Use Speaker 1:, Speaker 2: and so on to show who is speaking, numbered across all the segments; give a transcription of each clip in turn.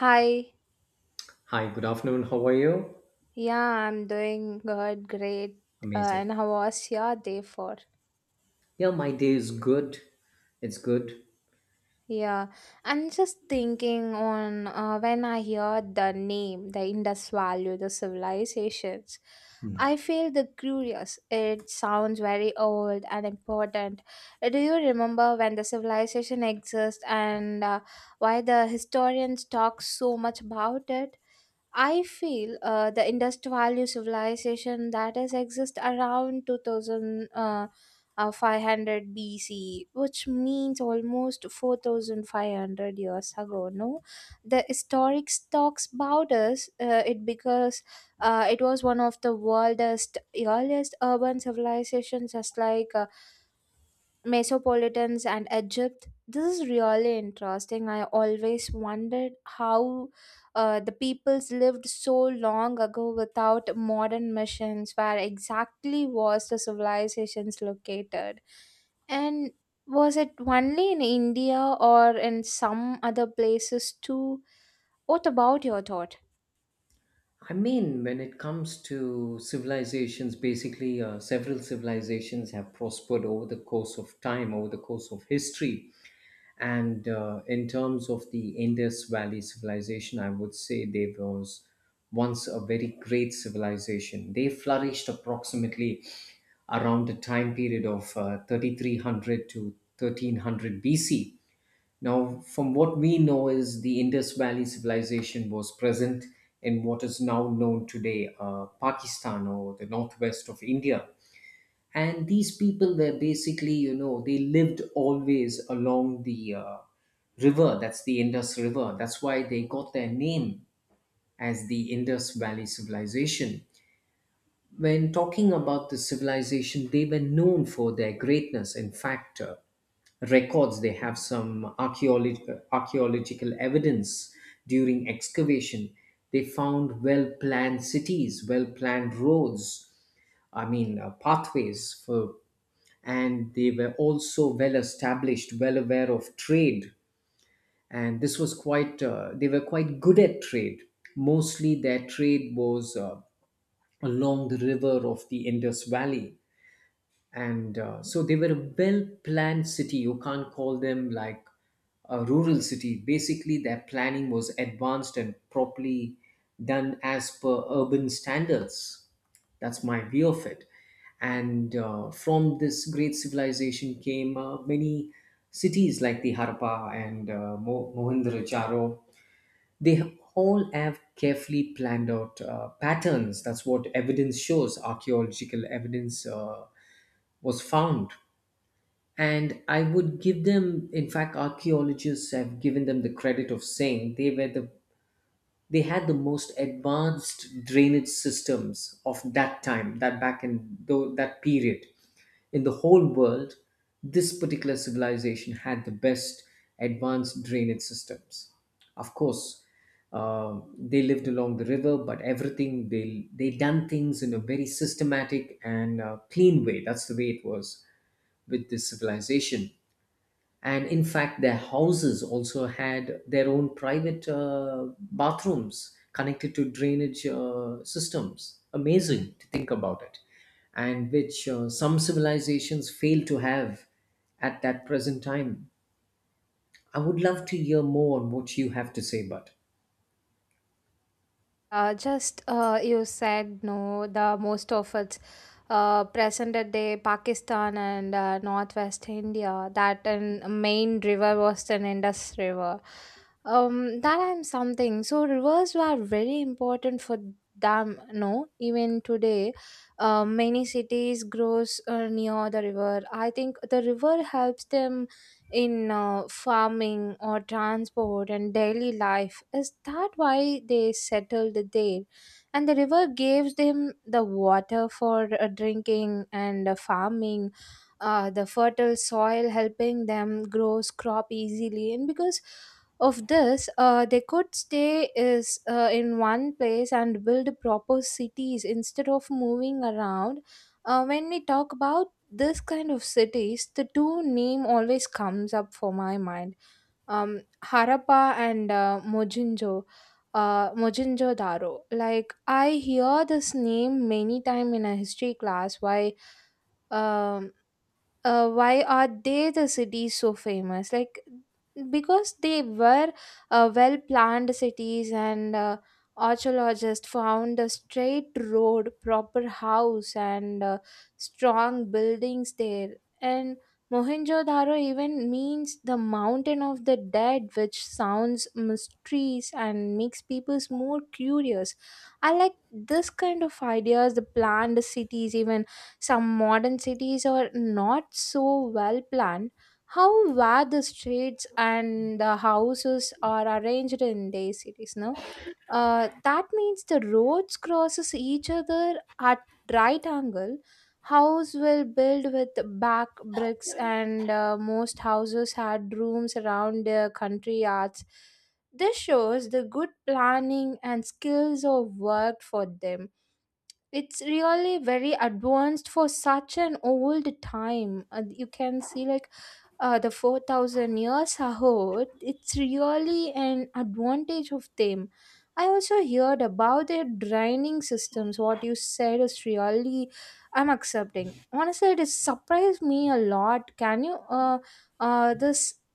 Speaker 1: Hi,
Speaker 2: Hi, good afternoon. How are you?
Speaker 1: yeah, I'm doing good, great. Uh,
Speaker 2: Amazing.
Speaker 1: and how was your day for?
Speaker 2: Yeah, my day is good. It's good.
Speaker 1: Yeah, I'm just thinking on when I hear the name, the Indus Valley, the civilizations. I feel the curious. It sounds very old and important. Do you remember when the civilization exists and why the historians talk so much about it? I feel the industrial civilization that is exist around 2500 500 BC, which means almost 4500 years ago. No, the historic talks about us it because it was one of the world's earliest urban civilizations, just like Mesopotamians and Egypt. This is really interesting. I always wondered how the peoples lived so long ago without modern missions. Where exactly was the civilizations located? And was it only in India or in some other places too? What about your thought?
Speaker 2: When it comes to civilizations, basically, several civilizations have prospered over the course of time, over the course of history. And in terms of the Indus Valley civilization, I would say there was once a very great civilization. They flourished approximately around the time period of 3300 to 1300 BC. Now, from what we know is the Indus Valley civilization was present in what is now known today Pakistan or the northwest of India. And these people were basically, you know, they lived always along the river. That's the Indus River. That's why they got their name as the Indus Valley civilization. When talking about the civilization, they were known for their greatness. In fact, records they have some archaeological evidence during excavation. They found well planned cities, well planned roads. I mean, pathways for, and they were also well established, well aware of trade. And this was quite. They were quite good at trade. Mostly, their trade was. Along the river of the Indus Valley, and so they were a well planned city. You can't call them like a rural city. Basically, their planning was advanced and properly done as per urban standards. That's my view of it. And from this great civilization came many cities like the Harappa and Mohenjo-daro. All have carefully planned out patterns. That's what evidence shows. Archaeological evidence was found. And I would give them, in fact, archaeologists have given them the credit of saying they had the most advanced drainage systems of that time, that that period in the whole world. This particular civilization had the best advanced drainage systems. Of course, they lived along the river, but everything, they done things in a very systematic and clean way. That's the way it was with this civilization. And in fact, their houses also had their own private bathrooms connected to drainage systems. Amazing to think about it. And which some civilizations fail to have at that present time. I would love to hear more on what you have to say, but
Speaker 1: Just you said no, the most of it's present at day Pakistan and northwest India. That and main river was the Indus River. That I'm something. So rivers were very important for them. No, even today, many cities grows near the river. I think the river helps them in farming or transport and daily life. Is that why they settled there? And the river gave them the water for drinking and farming, the fertile soil helping them grow crop easily. And because of this, they could stay is in one place and build proper cities instead of moving around. When we talk about this kind of cities, the two name always comes up for my mind, harappa and mohenjo daro. Like I hear this name many time in a history class. Um why are they the cities so famous? Like, because they were well planned cities, and archaeologists found a straight road, proper house, and strong buildings there. And mohenjo-daro even means the mountain of the dead, which sounds mysterious and makes people more curious. I like this kind of ideas, the planned cities. Even some modern cities are not so well planned. How were the streets and the houses are arranged in their cities, no? That means the roads crosses each other at right angle. House will build with back bricks, and most houses had rooms around their country yards. This shows the good planning and skills of work for them. It's really very advanced for such an old time. You can see like the 4000 years ago. It's really an advantage of them. I also heard about their draining systems. What you said is really, I'm accepting. Honestly, it surprised me a lot. Can you, this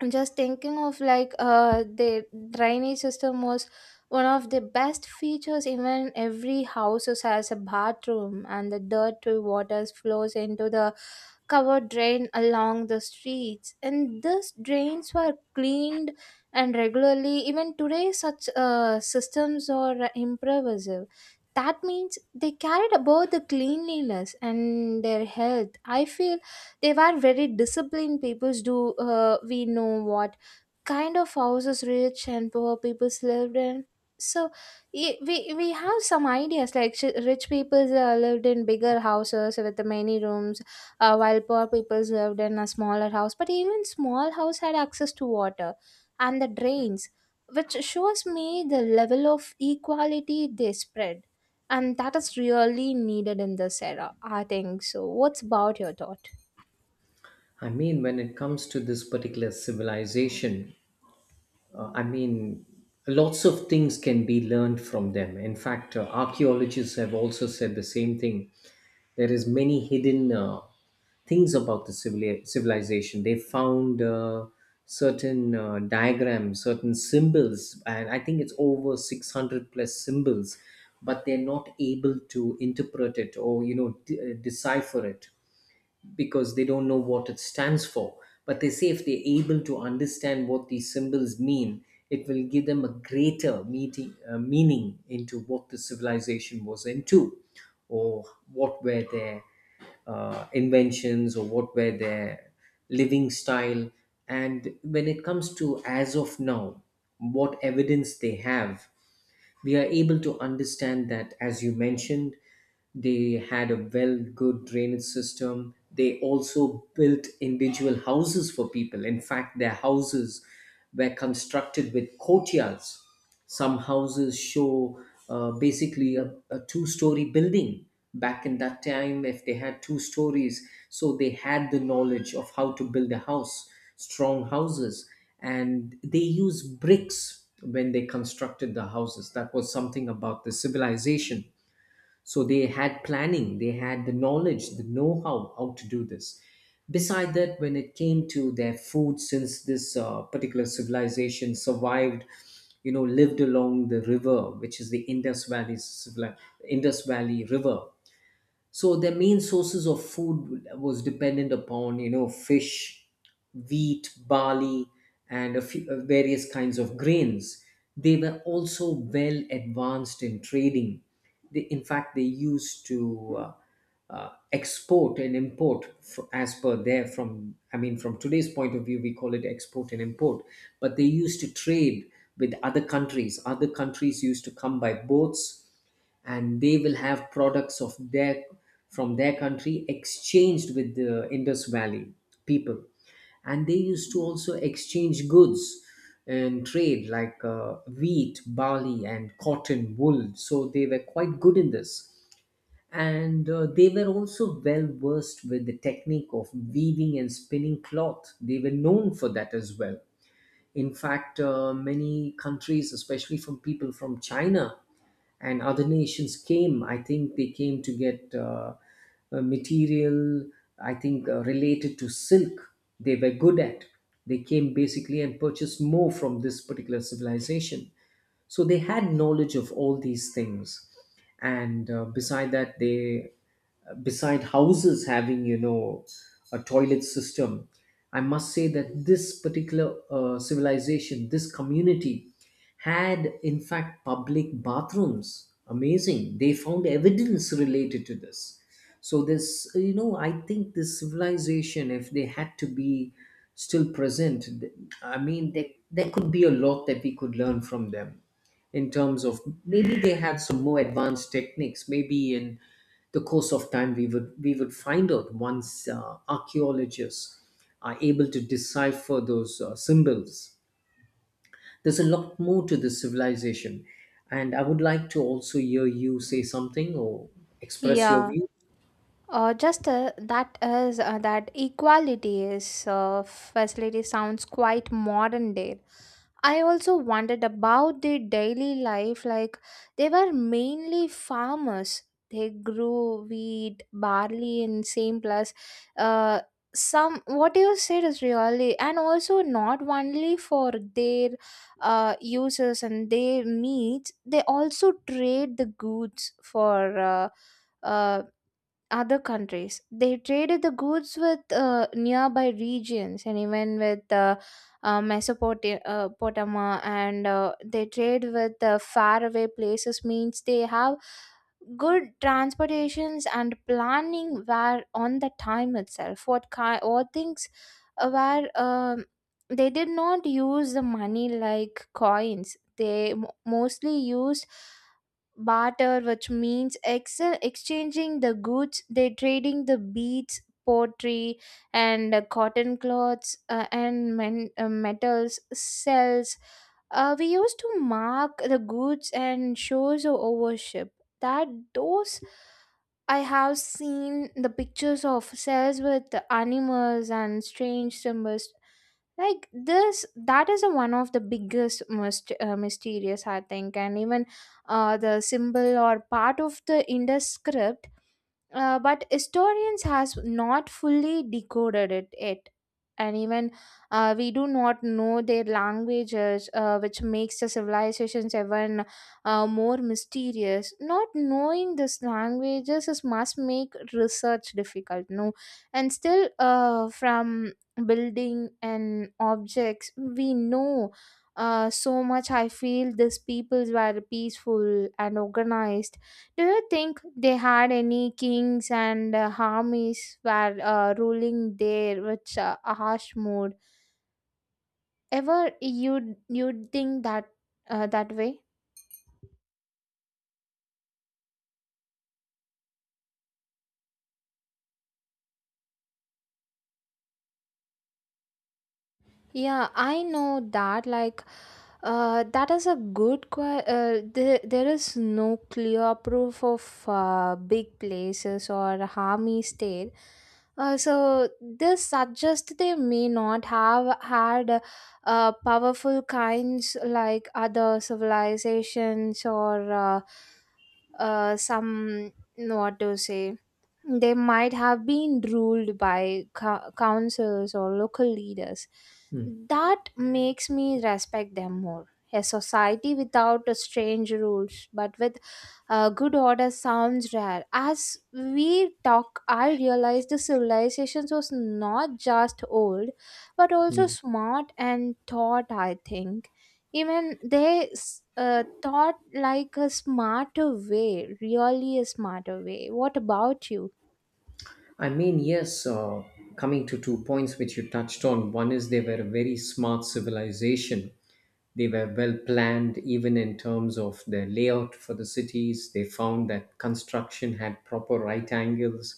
Speaker 1: I'm just thinking of like the drainage system was one of the best features. Even every house has a bathroom, and the dirty water flows into the covered drain along the streets, and these drains were cleaned and regularly. Even today such systems are impressive. That means they cared about the cleanliness and their health. I feel they were very disciplined people. Do we know what kind of houses rich and poor people lived in? So we have some ideas like rich people lived in bigger houses with many rooms, while poor people lived in a smaller house. But even small house had access to water and the drains, which shows me the level of equality they spread, and that is really needed in this era. I think so. What's about your thought?
Speaker 2: I mean, when it comes to this particular civilization, Uh, I mean, lots of things can be learned from them. In fact, archaeologists have also said the same thing. There is many hidden things about the civilization. They found certain diagrams, certain symbols, and I think it's over 600 plus symbols, but they're not able to interpret it, or you know, decipher it because they don't know what it stands for. But they say if they're able to understand what these symbols mean, it will give them a greater meeting, meaning into what the civilization was into, or what were their inventions, or what were their living style. And when it comes to as of now, what evidence they have, we are able to understand that, as you mentioned, they had a well good drainage system. They also built individual houses for people. In fact, their houses were constructed with courtyards. Some houses show basically a two-story building. Back in that time, if they had two stories, so they had the knowledge of how to build a house, strong houses. And they use bricks when they constructed the houses. That was something about the civilization. So they had planning, they had the knowledge, the know-how how to do this. Beside that, when it came to their food, since this particular civilization survived, you know, lived along the river, which is the Indus Valley river, so their main sources of food was dependent upon, you know, fish, wheat, barley, and a few, various kinds of grains. They were also well advanced in trading. They, in fact, they used to export and import as per there from. I mean, from today's point of view, we call it export and import, but they used to trade with other countries. Other countries used to come by boats, and they will have products of their, from their country, exchanged with the Indus Valley people. And they used to also exchange goods and trade like wheat, barley, and cotton, wool. So they were quite good in this. And they were also well versed with the technique of weaving and spinning cloth. They were known for that as well. In fact, many countries, especially from people from China and other nations, came. I think they came to get material, I think, related to silk they were good at. They came basically and purchased more from this particular civilization. So they had knowledge of all these things. And beside that, they, beside houses having, you know, a toilet system, I must say that this particular civilization, this community, had in fact public bathrooms. Amazing. They found evidence related to this. So this, you know, I think this civilization, if they had to be still present, I mean, there could be a lot that we could learn from them in terms of maybe they had some more advanced techniques. Maybe in the course of time, we would find out once archaeologists are able to decipher those symbols. There's a lot more to this civilization, and I would like to also hear you say something or express your
Speaker 1: Yeah,
Speaker 2: view.
Speaker 1: Just that is that equality is facility sounds quite modern day. I also wondered about their daily life. Like, they were mainly farmers. They grew wheat, barley in same place. Uh, some what you said is really, and also not only for their uses and their needs. They also trade the goods for. Uh, other countries. They traded the goods with nearby regions and even with Mesopotamia Potama, and they trade with faraway places, means they have good transportations and planning were on the time itself. What things were they did not use the money like coins. They mostly used barter, which means exchanging the goods. They're trading the beads, pottery, and cotton cloths, metals cells. We used to mark the goods and shows of worship. That those I have seen the pictures of cells with the animals and strange symbols like this. That is a one of the biggest mysterious, I think. And even the symbol or part of the Indus script, but historians has not fully decoded it yet. And even we do not know their languages, which makes the civilizations even more mysterious. Not knowing these languages is must make research difficult, no? And still from building and objects we know so much. I feel these peoples were peaceful and organized. Do you think they had any kings and armies were ruling there with a harsh mood? Ever you think that that way? Yeah, I know that. Like, that is a good there is no clear proof of big places or armies there. So this suggests they may not have had powerful kinds like other civilizations, or some what to say, they might have been ruled by councils or local leaders.
Speaker 2: Hmm.
Speaker 1: That makes me respect them more. A society without a strange rules but with good order sounds rare. As we talk, I realize the civilizations was not just old, but also
Speaker 2: Hmm.
Speaker 1: smart and thought, I think. Even thought like a smarter way, really a smarter way. What about you?
Speaker 2: I mean, yes, uh, coming to two points which you touched on. One is they were a very smart civilization. They were well planned, even in terms of their layout for the cities. They found that construction had proper right angles.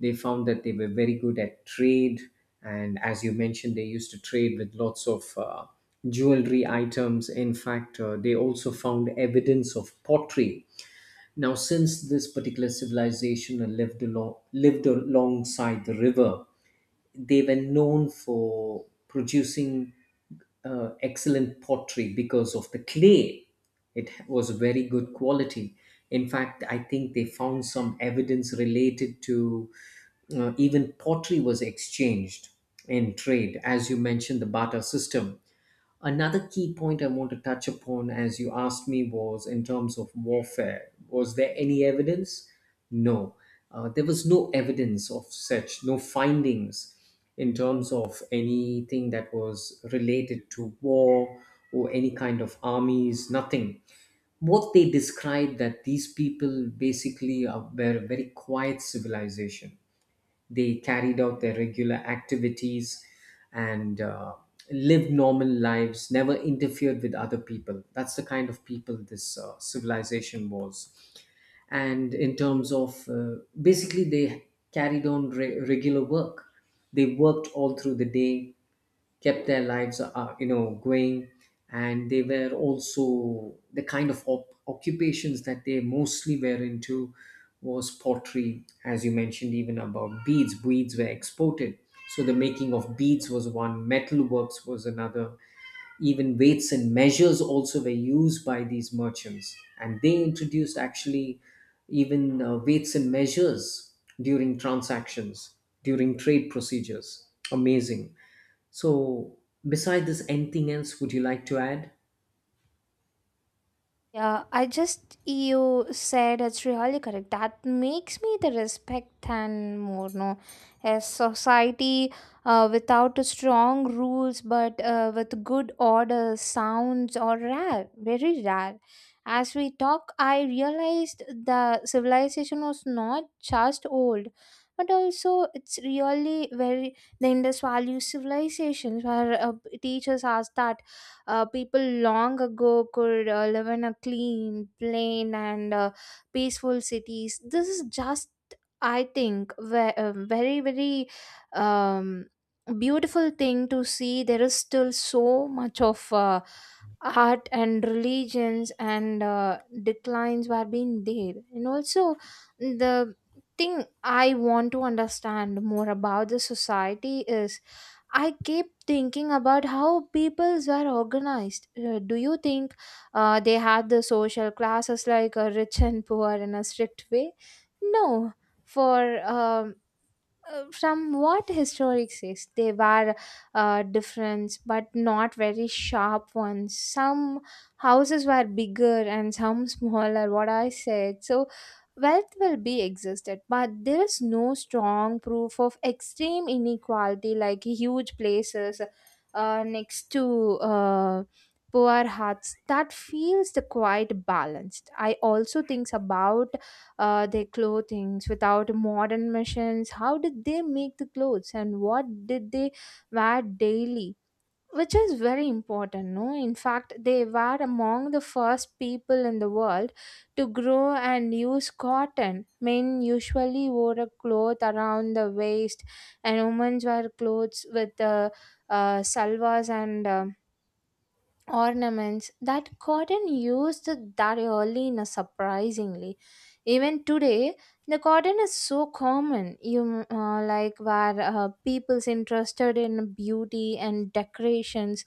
Speaker 2: They found that they were very good at trade. And as you mentioned, they used to trade with lots of jewelry items. In fact, they also found evidence of pottery. Now, since this particular civilization lived alongside the river, they were known for producing excellent pottery because of the clay. It was very good quality. In fact, I think they found some evidence related to, even pottery was exchanged in trade, as you mentioned, the barter system. Another key point I want to touch upon, as you asked me, was in terms of warfare. Was there any evidence? No. There was no evidence of such, no findings in terms of anything that was related to war or any kind of armies, nothing. What they described, that these people basically are, were a very quiet civilization. They carried out their regular activities and lived normal lives, never interfered with other people. That's the kind of people this civilization was. And in terms of basically, they carried on regular work. They worked all through the day, kept their lives you know, going. And they were also the kind of occupations that they mostly were into was pottery, as you mentioned. Even about beads, beads were exported, so the making of beads was one, metalworks was another. Even weights and measures also were used by these merchants, and they introduced actually even weights and measures during transactions, during trade procedures. Amazing. So, beside this, anything else would you like to add?
Speaker 1: Yeah, I just you said it's really correct. That makes me the respect and more. No, a society without a strong rules, but with good order, sounds are rare, very rare. As we talk, I realized the civilization was not just old, but also it's really very the Indus Valley civilizations where teaches us that people long ago could live in a clean, plain, and peaceful cities. This is just, I think, a very, very um, beautiful thing to see. There is still so much of art and religions and declines were being there, and also the thing I want to understand more about the society is I keep thinking about how peoples were organized. Do you think they had the social classes like rich and poor in a strict way? No. For from what historic says, they were different but not very sharp ones. Some houses were bigger and some smaller, what I said. So wealth will be existed, but there is no strong proof of extreme inequality like huge places next to poor hearts. That feels the quite balanced. I also thinks about their clothings. Without modern machines, how did they make the clothes, and what did they wear daily, which is very important, no? In fact, they were among the first people in the world to grow and use cotton. Men usually wore a cloth around the waist, and women wear clothes with salvas and ornaments. That cotton used that early in a surprisingly, even today the cotton is so common. You like where people's interested in beauty and decorations.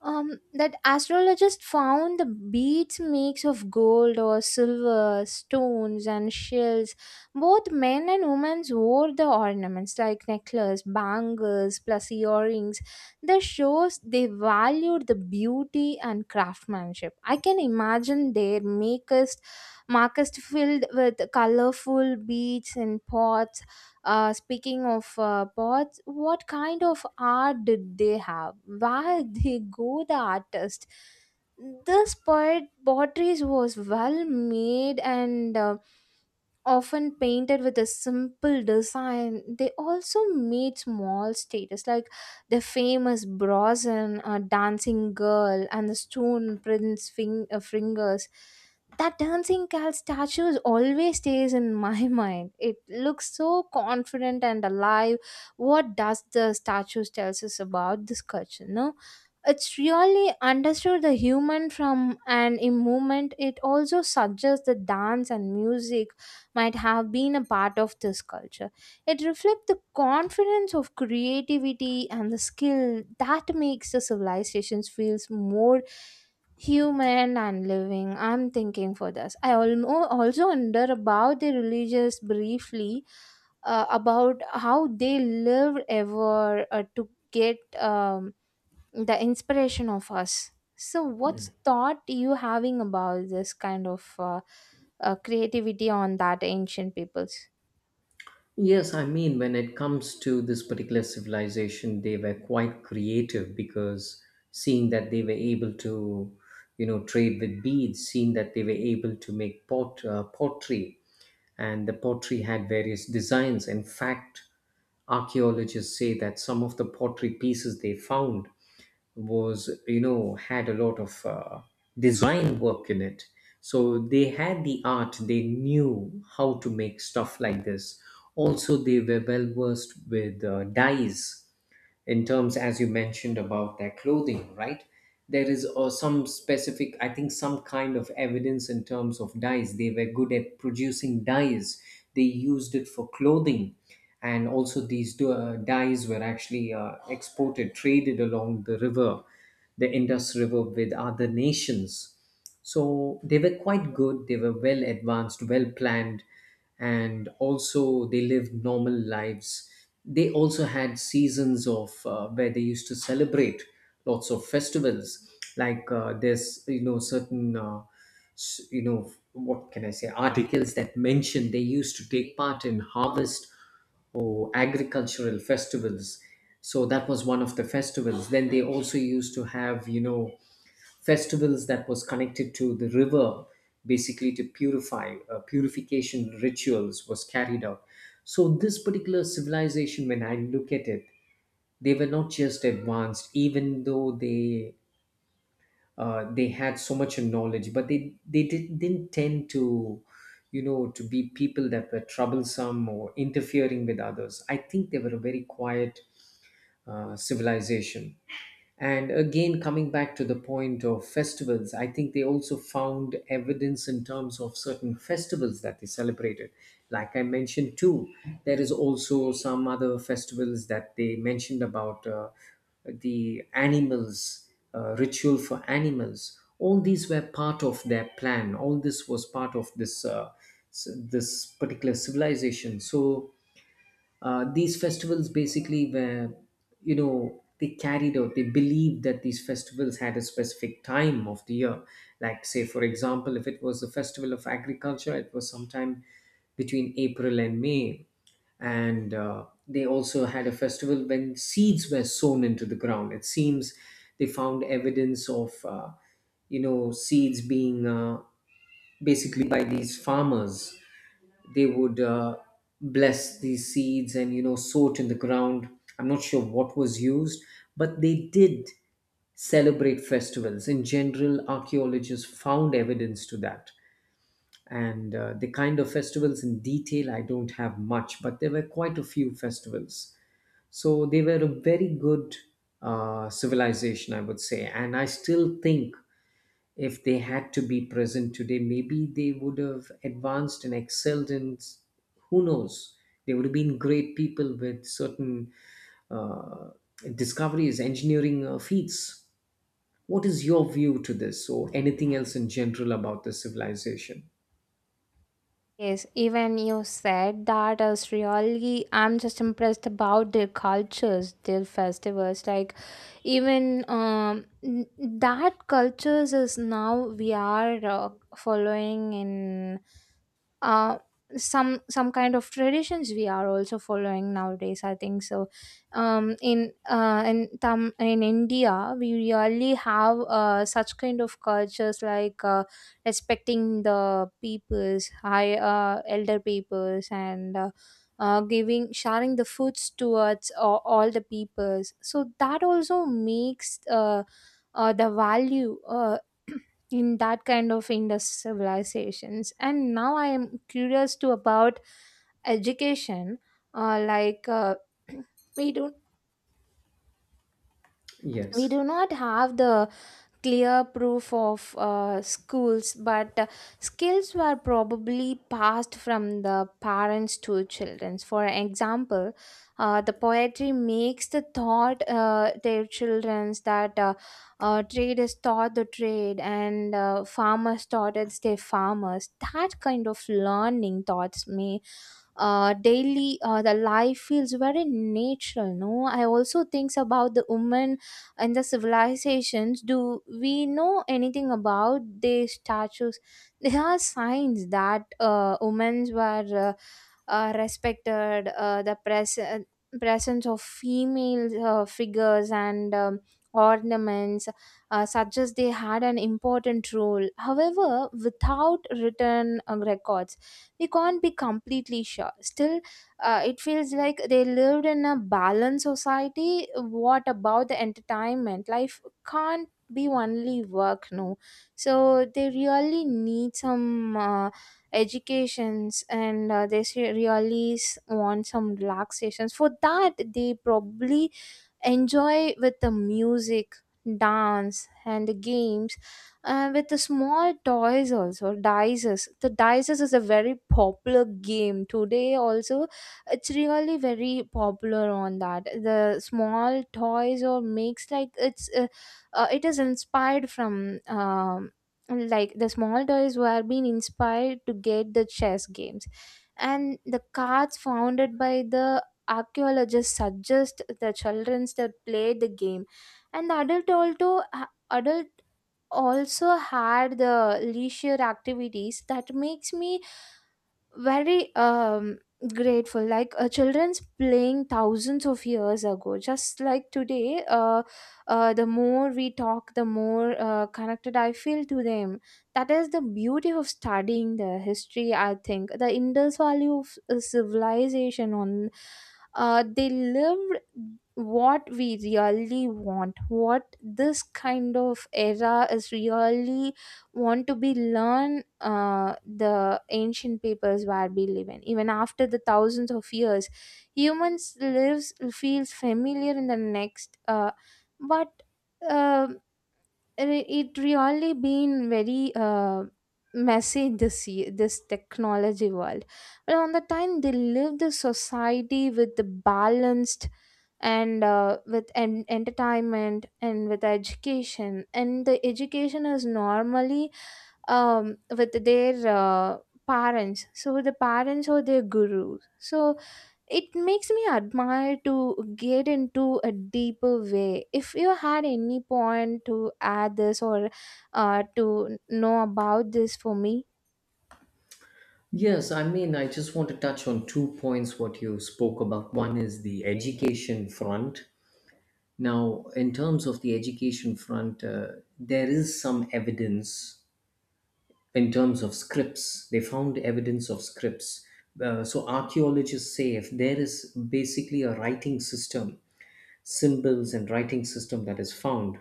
Speaker 1: That astrologists found the beads, mix of gold or silver stones and shells. Both men and women wore the ornaments like necklace, bangles plus earrings. That shows they valued the beauty and craftsmanship. I can imagine their makers markets filled with colorful beads and pots. Speaking of pots, what kind of art did they have? Where they go the artist? This pot potteries was well made and often painted with a simple design. They also made small statues like the famous Brosnan, Dancing Girl, and the Stone Prince Fingers. That dancing cat statue always stays in my mind. It looks so confident and alive. What does the statue tells us about this culture? No, it's really understood the human from an in movement. It also suggests that dance and music might have been a part of this culture. It reflects the confidence of creativity and the skill that makes the civilizations feels more human and living. I'm thinking for this. I also wonder about the religious briefly, about how they lived ever to get the inspiration of us. So, what's thought you having about this kind of creativity on that ancient peoples?
Speaker 2: Yes, I mean, when it comes to this particular civilization, they were quite creative because seeing that they were able to, you know, trade with beads, seeing that they were able to make pottery, and the pottery had various designs. In fact, archaeologists say that some of the pottery pieces they found was, you know, had a lot of design work in it. So they had the art, they knew how to make stuff like this. Also, they were well versed with dyes in terms, as you mentioned, about their clothing, right? There is some specific, I think, some kind of evidence in terms of dyes. They were good at producing dyes. They used it for clothing. And also these dyes were actually exported, traded along the river, the Indus River, with other nations. So they were quite good, they were well advanced, well planned, and also they lived normal lives. They also had seasons of where they used to celebrate lots of festivals, like there's, you know, certain you know, what can I say, articles that mention they used to take part in harvest or agricultural festivals. So that was one of the festivals. Then they also used to have, you know, festivals that was connected to the river basically to purify purification rituals was carried out. So this particular civilization, when I look at it, they were not just advanced even though they had so much knowledge, but they didn't tend to to be people that were troublesome or interfering with others. I think they were a very quiet civilization. And again, coming back to the point of festivals, I think they also found evidence in terms of certain festivals that they celebrated. Like I mentioned, too, there is also some other festivals that they mentioned about the animals, ritual for animals. All these were part of their plan. All this was part of this particular civilization. So these festivals basically were, they carried out, they believed that these festivals had a specific time of the year. Like, say, for example, if it was the festival of agriculture, it was sometime between April and May. And they also had a festival when seeds were sown into the ground. It seems they found evidence of, seeds being basically by these farmers. They would bless these seeds and sow it in the ground. I'm not sure what was used, but they did celebrate festivals in general. Archaeologists found evidence to that. And the kind of festivals in detail I don't have much, but there were quite a few festivals. So they were a very good civilization, I would say. And I still think if they had to be present today, maybe they would have advanced and excelled in who knows. They would have been great people with certain uh, discoveries, engineering feats. What is your view to this, or anything else in general about the civilization?
Speaker 1: Yes, even you said that as really, I'm just impressed about their cultures, their festivals. Like, even that cultures is now we are following in uh some kind of traditions we are also following nowadays, I think so. In india we really have such kind of cultures like, respecting the peoples high elder peoples and, giving sharing the foods towards all the peoples, so that also makes the value in that kind of indus civilizations. And now I am curious to about education, like, we do not we
Speaker 2: Yes.
Speaker 1: do not have the clear proof of schools, but, skills were probably passed from the parents to children. For example, the poetry makes the thought, their children's that, trade is taught the trade, and farmers taught it's their farmers. That kind of learning thoughts may, daily, the life feels very natural. No, I also thinks about the woman and the civilizations. Do we know anything about these statues? There are signs that, women were, respected. The presence of female figures and, ornaments, such as, they had an important role. However, without written records, we can't be completely sure. Still, it feels like they lived in a balanced society. What about the entertainment? Life can't be only work, no? So they really need some, educations, and they se- really s- want some relaxations. For that they probably enjoy with the music, dance and the games, with the small toys, also dices. The dices is a very popular game today also. It's really very popular on that. The small toys or makes like, it's, it is inspired from, like, the small toys were being inspired to get the chess games. And the cards founded by the archaeologists suggest the childrens that played the game, and the adult also had the leisure activities. That makes me very, grateful, like, children's playing thousands of years ago just like today. The more we talk, the more, connected I feel to them. That is the beauty of studying the history, I think. The indus valley of, civilization on, they lived what we really want. What this kind of era is really want to be learn, the ancient peoples where we live in, even after the thousands of years humans lives feels familiar in the next, but, uh, it really been very, messy, this this technology world. But on the time they lived the society with the balanced, and entertainment, and with education. And the education is normally, with their, parents. So the parents are their gurus. So it makes me admire to get into a deeper way. If you had any point to add this, or, to know about this for me.
Speaker 2: Yes, I mean, I just want to touch on two points what you spoke about. One is the education front. Now, in terms of the education front, there is some evidence in terms of scripts. They found evidence of scripts. So archaeologists say if there is basically a writing system, symbols and writing system that is found,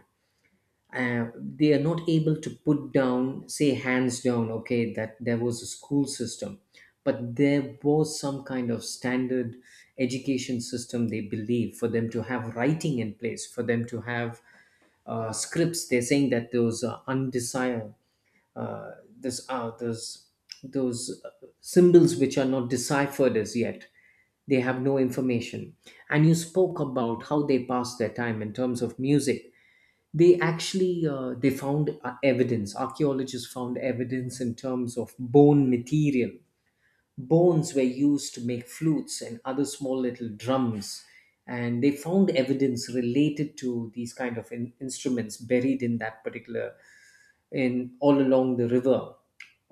Speaker 2: they are not able to put down, say hands down, okay, that there was a school system, but there was some kind of standard education system they believe, for them to have writing in place, for them to have scripts. They're saying that those are undesirable. Uh, this uh, those those symbols which are not deciphered as yet, they have no information. And you spoke about how they pass their time in terms of music. They actually they found evidence, archaeologists found evidence in terms of bone material. Bones were used to make flutes and other small little drums, and they found evidence related to these kind of instruments buried in that particular, in all along the river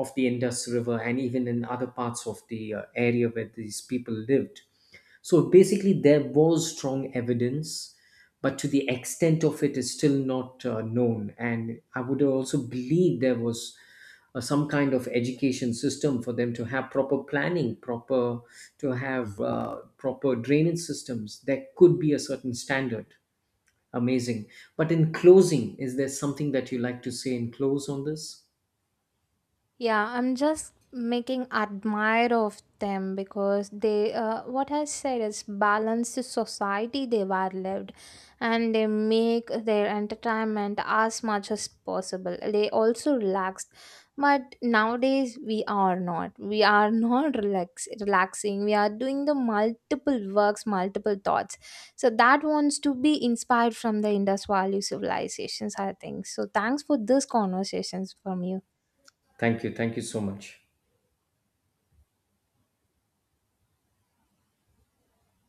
Speaker 2: of the Indus River, and even in other parts of the area where these people lived. So basically, there was strong evidence, but to the extent of it is still not known. And I would also believe there was some kind of education system, for them to have proper planning, proper, to have proper drainage systems. There could be a certain standard. Amazing. But in closing, is there something that you like to say in close on this?
Speaker 1: Yeah, I'm just making admire of them, because they, what I said is, balanced society they were lived, and they make their entertainment as much as possible. They also relaxed. But nowadays we are not. We are not relaxing. We are doing the multiple works, multiple thoughts. So that wants to be inspired from the Indus Valley civilizations, I think. So thanks for these conversations from you.
Speaker 2: Thank you. Thank you so much.